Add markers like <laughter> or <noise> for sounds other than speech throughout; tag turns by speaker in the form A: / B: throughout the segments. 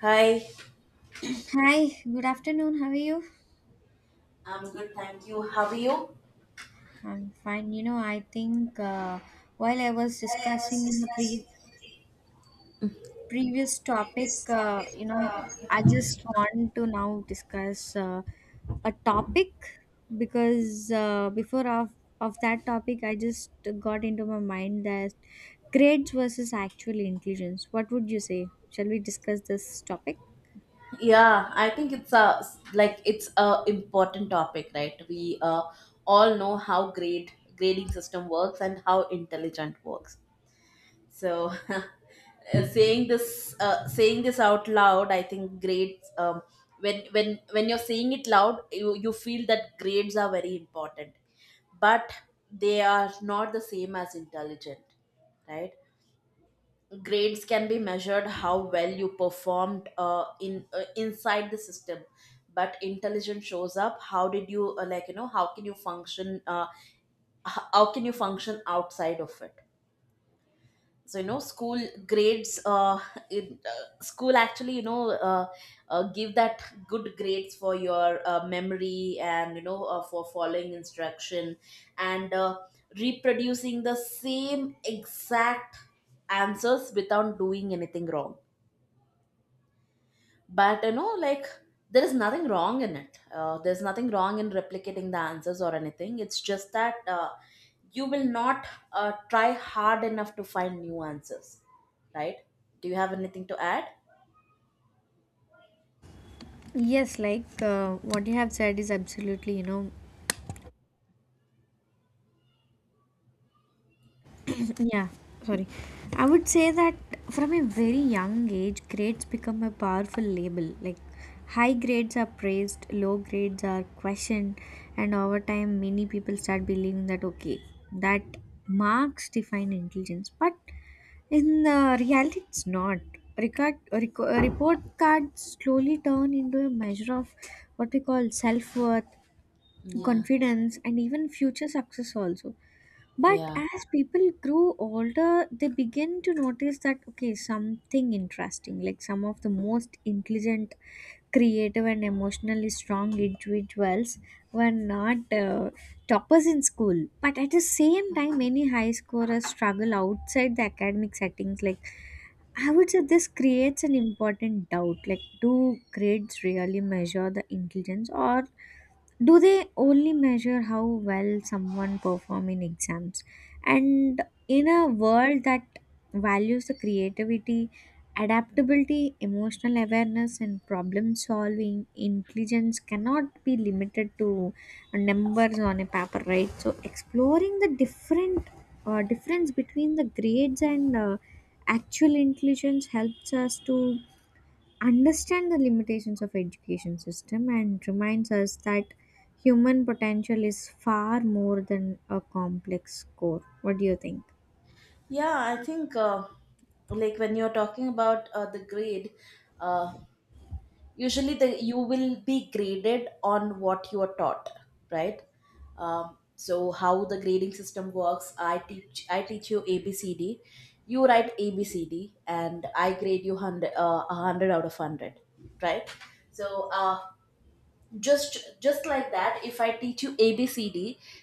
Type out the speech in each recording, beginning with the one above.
A: Hi.
B: Hi, good afternoon. How are you?
A: I'm good, thank you. How are you?
B: I'm fine. You know, I think while I was discussing in the previous topic, I just want to now discuss a topic because before of that topic, I just got into my mind that grades versus actual intelligence. What would you say? Shall we discuss this topic?
A: Yeah, I think it's a important topic, right? We all know how grade grading system works and how intelligent works. So, <laughs> saying this out loud, I think grades when you're saying it loud, you feel that grades are very important, but they are not the same as intelligent. Right. Grades can be measured how well you performed in inside the system, but intelligence shows up how did you like you know how can you function how can you function outside of it. So you know, school grades, school actually, give that good grades for your memory, and you know, for following instruction, and reproducing the same exact answers without doing anything wrong. But you know, like, there is nothing wrong in it, there's nothing wrong in replicating the answers or anything. It's just that you will not try hard enough to find new answers, right? Do you have anything to add?
B: Yes, like what you have said is absolutely, you know, <clears throat> Yeah, sorry. I would say that from a very young age, grades become a powerful label. Like, high grades are praised, low grades are questioned, and over time, many people start believing that okay, that marks define intelligence. But in the reality, it's not. Report cards slowly turn into a measure of what we call self worth,
A: Yeah,
B: confidence, and even future success also. But
A: yeah,
B: as people grow older, they begin to notice that, okay, something interesting, like some of the most intelligent, creative, and emotionally strong individuals were not toppers in school. But at the same time, many high scorers struggle outside the academic settings. Like, I would say this creates an important doubt. Like, do grades really measure the intelligence, or do they only measure how well someone perform in exams? And in a world that values the creativity, adaptability, emotional awareness, and problem solving, intelligence cannot be limited to numbers on a paper, right? So, exploring the different difference between the grades and actual intelligence helps us to understand the limitations of education system and reminds us that human potential is far more than a complex score. What do you think?
A: yeah, I think, like when you're talking about the grade, uh, usually the you will be graded on what you are taught, right? So how the grading system works, I teach you abcd, you write abcd and I grade you 100, 100 out of 100, right? So just like that, if I teach you abcd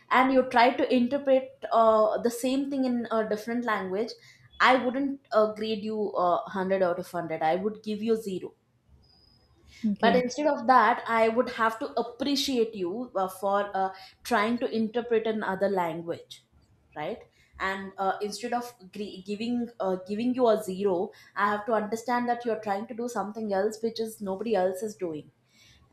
A: and you try to interpret the same thing in a different language, I wouldn't grade you 100 out of 100, I would give you 0. But
B: Okay.
A: instead of that, I would have to appreciate you for trying to interpret another language, right? And instead of giving you a zero, I have to understand that you're trying to do something else which is nobody else is doing.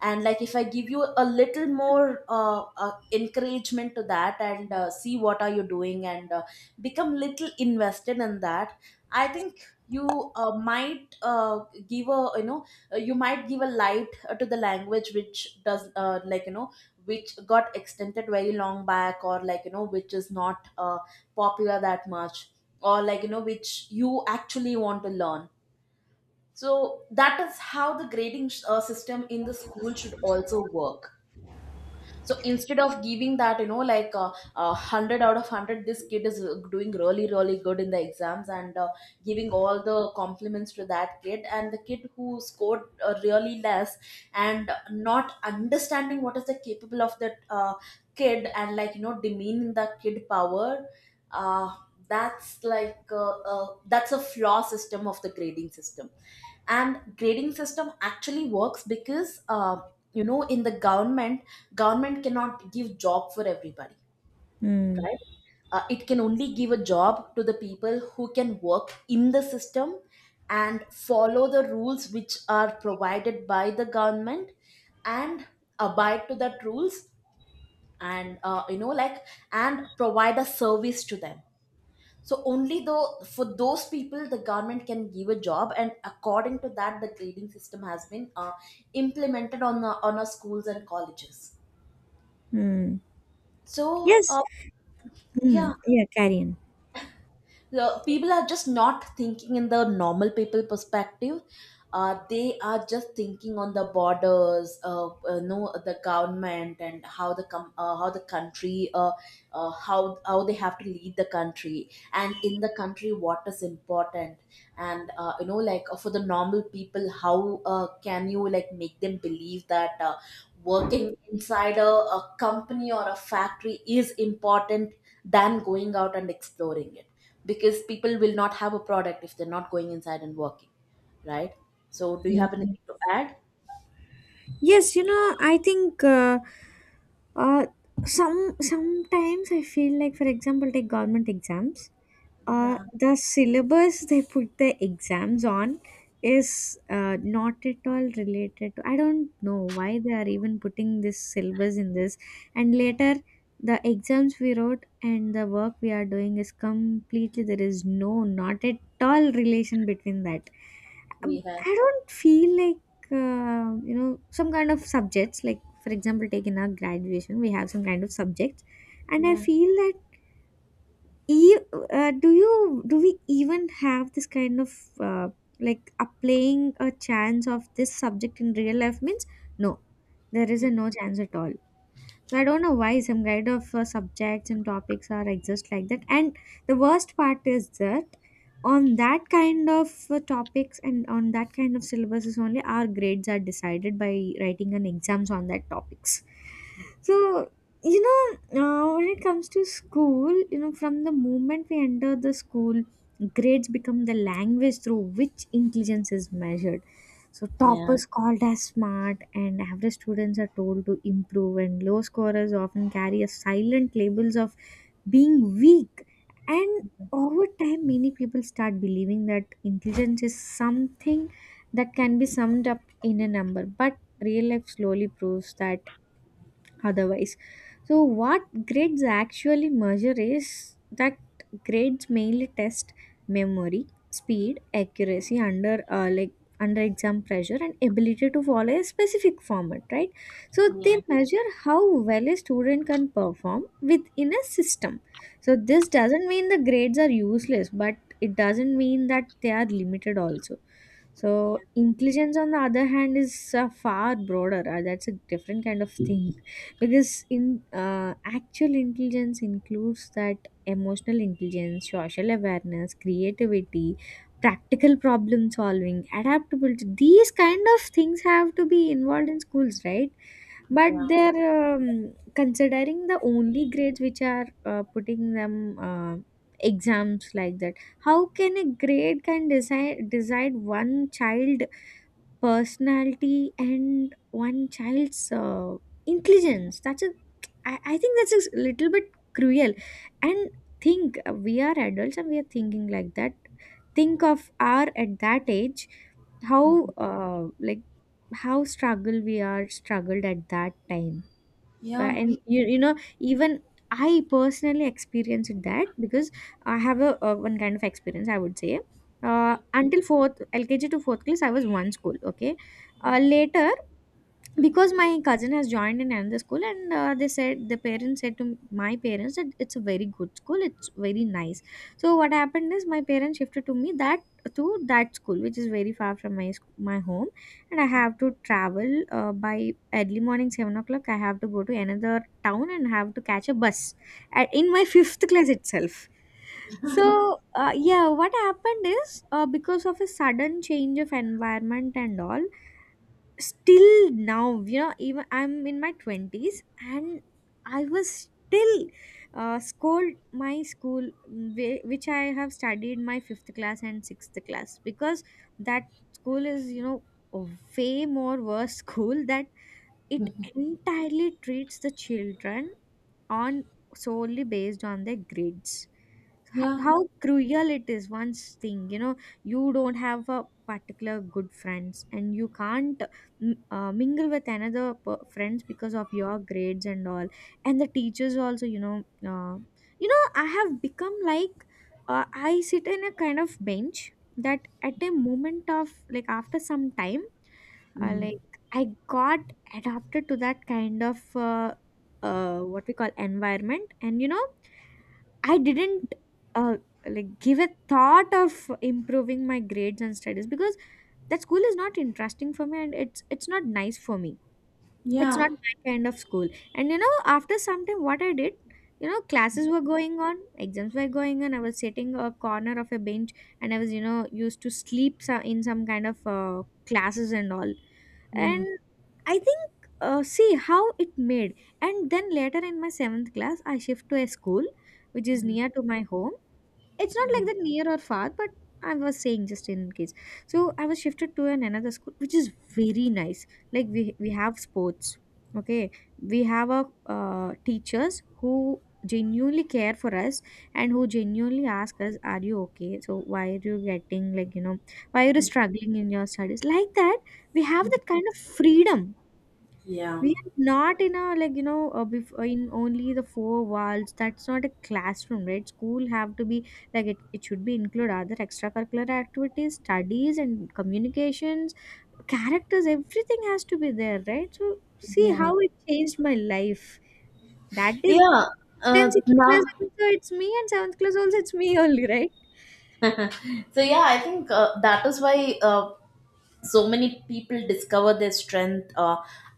A: And like, if I give you a little more encouragement to that, and see what are you doing, and become little invested in that, I think you might, give a you know you might give a light, to the language which does, like you know, which got extended very long back, or like you know, which is not popular that much, or like you know, which you actually want to learn. So that is how the grading system in the school should also work. So instead of giving that, you know, like, 100 out of 100 this kid is doing really really good in the exams, and giving all the compliments to that kid, and the kid who scored really less, and not understanding what is the capable of that kid, and like you know, demeaning the kid power, uh, that's a flaw system of the grading system. And grading system actually works because you know, in the government cannot give job for everybody,
B: Hmm.
A: right? It can only give a job to the people who can work in the system and follow the rules which are provided by the government, and abide to that rules, and you know like, and provide a service to them. So only though for those people the government can give a job, and according to that the grading system has been implemented on on our schools and colleges.
B: Hmm.
A: So
B: Yes. Hmm.
A: yeah,
B: Yeah, carry on.
A: the people are just not thinking in the normal people perspective. They are just thinking on the borders, know the government, and how how the country, how they have to lead the country, and in the country what is important. And you know like, for the normal people how can you like make them believe that working inside a company or a factory is important than going out and exploring it, because people will not have a product if they're not going inside and working, right? So, do you have
B: Mm.
A: anything to add?
B: Yes, you know, I think uh some sometimes I feel like, for example, take government exams. Uh,
A: Yeah.
B: the syllabus they put the exams on is not at all related to. I don't know why they are even putting this syllabus in this, and later the exams we wrote and the work we are doing is completely, there is no, not at all relation between that.
A: We have.
B: I don't feel like, like, you know, some kind of subjects, like for example take in our graduation we have some kind of subjects and I
A: Yeah.
B: feel that e- do you, do we even have this kind of uh, like applying a chance of this subject in real life means no, there is a no chance at all. So I don't know why some kind of subjects and topics are exist like that, and the worst part is that on that kind of topics and on that kind of syllabuses only our grades are decided by writing an exams on that topics. So, you know, when it comes to school, you know, from the moment we enter the school, grades become the language through which intelligence is measured. So
A: Yeah.
B: toppers called as smart and average students are told to improve, and low scorers often carry a silent labels of being weak. And over time many people start believing that intelligence is something that can be summed up in a number, but real life slowly proves that otherwise. So, what grades actually measure is that grades mainly test memory, speed, accuracy under under exam pressure and ability to follow a specific format, right? So
A: Yeah. Yeah.
B: they measure how well a student can perform within a system. So this doesn't mean the grades are useless, but it doesn't mean that they are limited also.
A: Yeah.
B: So intelligence, on the other hand, is far broader. That's a different kind of thing, <laughs> because in actual intelligence includes that emotional intelligence, social awareness, creativity, practical problem solving, adaptability. These kind of things have to be involved in schools, right? But they're considering the only grades which are putting them exams like that. How can a grade can decide one child personality and one child's intelligence? That's a, I think that's a little bit cruel. And think, we are adults and we are thinking like that. Think of our at that age, how
A: Mhm.
B: uh, like how struggle we are struggled at that time,
A: Yeah.
B: and you know, even I personally experienced that. Because I have a one kind of experience, I would say, until fourth, LKG to fourth class I was one school. Okay, later because my cousin has joined in another school and they said, the parents said to my parents that it's a very good school, it's very nice. So what happened is my parents shifted to me that, to that school which is very far from my my home, and I have to travel by early morning 7 o'clock I have to go to another town and have to catch a bus at, in my <laughs> fifth class itself. So yeah, what happened is because of a sudden change of environment and all, still now, you know, even I'm in my 20s and I was still scold my school, which I have studied my fifth class and sixth class, because that school is, you know, a way more worse <laughs> school, that it entirely treats the children on solely based on the grades. Ho-
A: Yeah.
B: how cruel it is. Once thing, you know, you don't have a particular good friends and you can't mingle with another friends because of your grades and all. And the teachers also, you know, uh, you know, I have become like, I sit in a kind of bench that at a moment of like after some time, uh,
A: Mm.
B: like I got adapted to that kind of what we call environment. And you know, I didn't uh, like give a thought of improving my grades and studies because that school is not interesting for me and it's not nice for me. It's
A: Yeah.
B: not my kind of school. And you know, after some time what I did, you know, classes were going on, exams were going on, I was sitting a corner of a bench and I was, you know, used to sleep in some kind of classes and all.
A: Mm.
B: And I think see how it made. And then later in my seventh class I shift to a school which is
A: Mm.
B: near to my home. It's not like
A: Mm.
B: that near or far, but I was saying just in case. So I was shifted to an another school which is very nice. Like, we have sports, okay, we have a teachers who genuinely care for us and who genuinely ask us, are you okay, so why are you getting like, you know, why are you struggling in your studies, like that we have
A: Mm.
B: that kind of freedom.
A: Yeah.
B: We are not in a, like, you know, before in only the four walls. That's not a classroom, right? School have to be like it. It should be include other extracurricular activities, studies, and communications, characters. Everything has to be there, right? So see
A: Yeah.
B: how it changed my life. That is,
A: Yeah.
B: then sixth
A: Now,
B: class also it's me and seventh class also it's me only, right?
A: <laughs> so yeah, I think that is why so many people discover their strength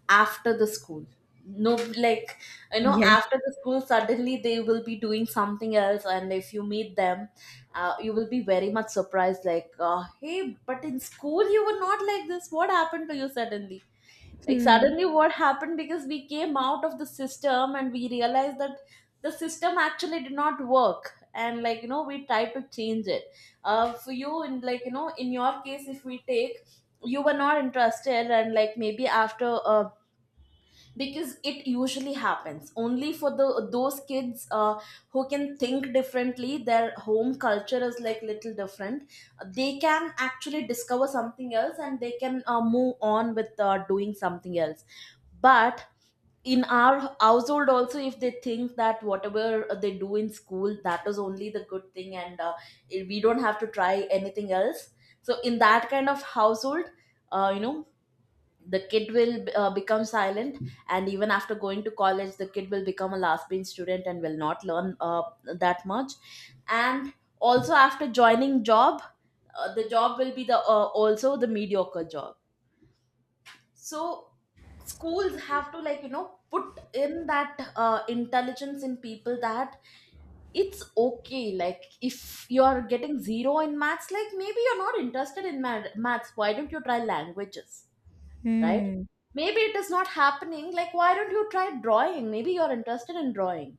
A: after the school. No, like, you know,
B: Yes.
A: after the school suddenly they will be doing something else, and if you meet them you will be very much surprised, like, hey, but in school you were not like this, what happened to you suddenly, like
B: Hmm.
A: suddenly what happened, because we came out of the system and we realized that the system actually did not work, and like you know, we tried to change it. For you, in like you know, in your case, if we take, you were not interested. And like, maybe after because it usually happens only for the those kids who can think differently, their home culture is like little different, they can actually discover something else, and they can move on with doing something else. But in our household also, if they think that whatever they do in school, that is only the good thing, and we don't have to try anything else, so in that kind of household, you know, the kid will become silent, and even after going to college the kid will become a last bench student and will not learn that much. And also after joining job, the job will be the also the mediocre job. So schools have to, like you know, put in that intelligence in people, that it's okay, like if you're getting zero in maths, like maybe you're not interested in maths, why don't you try languages, right?
B: Hmm.
A: Maybe it is not happening. Like, why don't you try drawing? Maybe you're interested in drawing.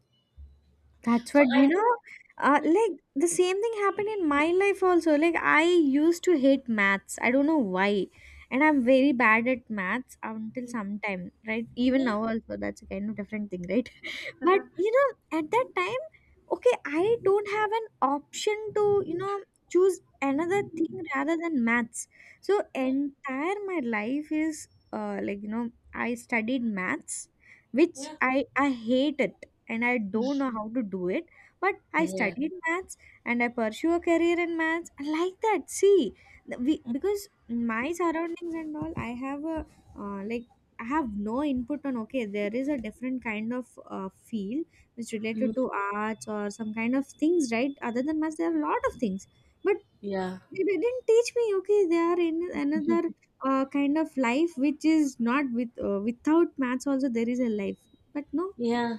B: That's
A: So
B: what,
A: I
B: you know.
A: think, yeah,
B: Like the same thing happened in my life also. Like I used to hate maths. I don't know why, and I'm very bad at maths until sometime. Right, even
A: yeah,
B: now also that's a kind of different thing, right? <laughs> But you know, at that time, okay, I don't have an option to, you know, choose another thing rather than maths. So
A: yeah,
B: entire my life is, uh, like, you know, I studied maths, which
A: yeah.
B: I hate it, and I don't know how to do it. But I
A: Yeah.
B: studied maths and I pursue a career in maths. I like that. See, the- we because my surroundings and all, I have a like I have no input on. Okay, there is a different kind of field which
A: Mm.
B: related to arts or some kind of things, right? Other than maths, there are a lot of things, but
A: Yeah.
B: they didn't teach me. Okay, they are in another kind of life which is not with without maths also there is a life, but no.
A: Yeah.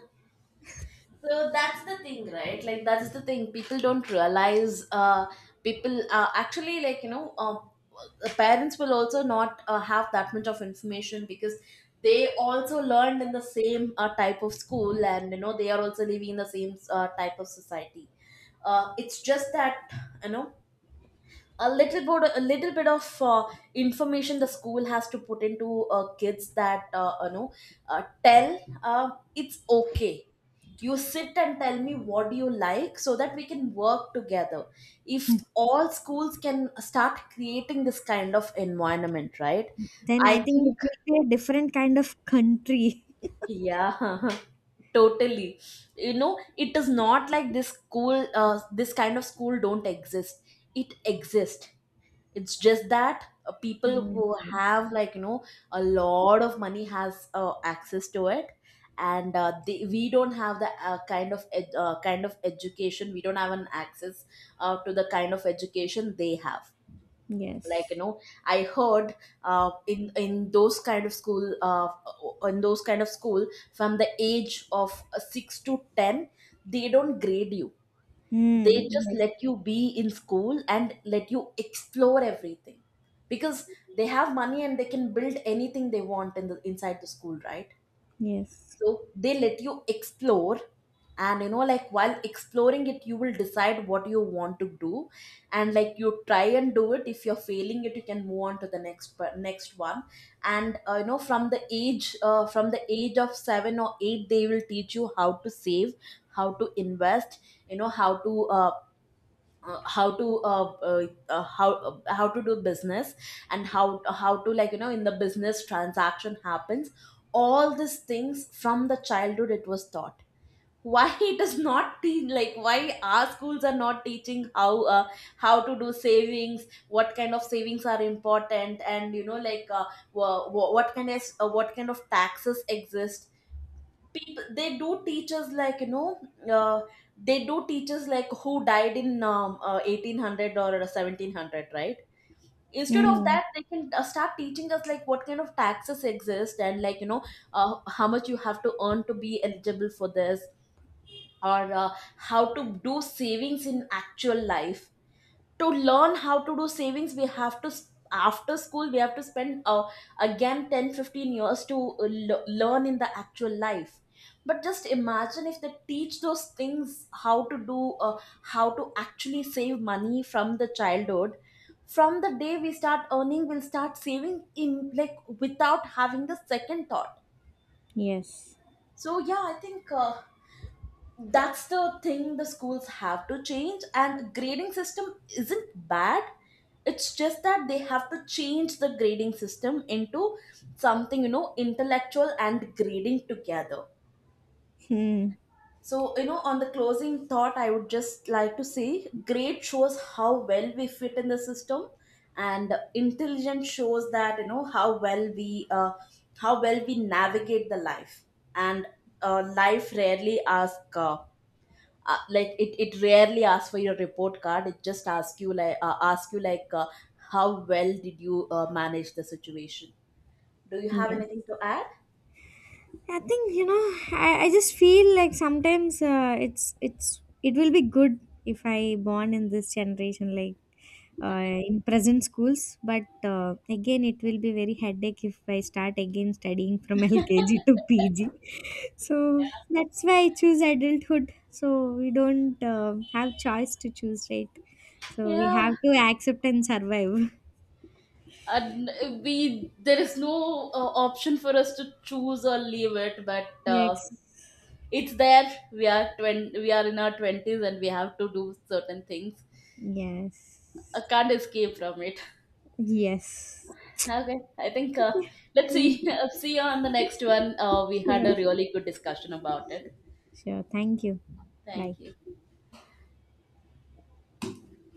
A: So that's the thing, right? Like that's the thing. People don't realize. People, actually, like you know, the parents will also not have that much of information, because they also learned in the same type of school, and you know they are also living in the same type of society. It's just that, you know, a little bit of, information the school has to put into kids, that you know, tell it's okay, you sit and tell me what do you like, so that we can work together. If all schools can start creating this kind of environment, right?
B: Then
A: I
B: I think
A: think,
B: it will be a different kind of country. <laughs>
A: yeah. <laughs> Totally. You know, it is not like this kind of school don't exist. It exists. It's just that people
B: Mm.
A: who have, like you know, a lot of money has access to it, and we don't have the kind of education, we don't have an access to the kind of education they have. Like
B: Yes.
A: you know, I heard uh, in in those kind of school uh, in those kind of school, from the age of 6 to 10, they don't grade you, they
B: Mm.
A: just
B: Yes.
A: let you be in school and let you explore everything, because they have money and they can build anything they want in the inside the school, right?
B: Yes.
A: So they let you explore, and you know like, while exploring it you will decide what you want to do, and like you try and do it, if you're failing it you can move on to the next one. And you know, from the age of 7 or 8, they will teach you how to save, how to invest, you know how to, how to how how to do business, and how to, like you know, in the business transaction happens. All these things from the childhood it was taught. Why, <laughs> it is not te- like why our schools are not teaching how, how to do savings, what kind of savings are important, and you know like, what kind of taxes exist. People They do teach us, like you know, uh, they do teach us like who died in 1800 or 1700, right? Instead of
B: Mm.
A: that they can start teaching us, like what kind of taxes exist, and like you know, how much you have to earn to be eligible for this, or how to do savings in actual life. To learn how to do savings, we have to s- after school we have to spend, again 10 15 years to learn in the actual life. But just imagine if they teach those things, how to do, uh, how to actually save money from the childhood, from the day we start earning we'll start saving, in, like, without having the second thought.
B: Yes.
A: So yeah, I think that's the thing, the schools have to change, and grading system isn't bad, it's just that they have to change the grading system into something, you know, intellectual and grading together.
B: Hmm.
A: So you know, on the closing thought, I would just like to say grade shows how well we fit in the system, and intelligence shows that you know how well we, navigate the life. And life rarely asks, it rarely asks for your report card, it just asks you, like, how well did you manage the situation. Do you have
B: Yes.
A: anything to add?
B: I think you know. I just feel like sometimes it's it will be good if I born in this generation, like in present schools. But again, it will be very headache if I start again studying from <laughs> LKG to PG. So that's why I choose adulthood. So we don't have choice to choose, right? So we
A: Yeah,
B: have to accept and survive. <laughs>
A: and we there is no option for us to choose or leave it, but
B: Yes.
A: it's there. We are we are in our 20s, and we have to do certain things. I
B: Yes.
A: can't escape from it.
B: Yes.
A: Okay, I think, let's
B: Mm,
A: see. <laughs> See you on the next one. We had
B: sure.
A: a really good discussion about it.
B: Sure. Thank you. Bye.
A: Thank you.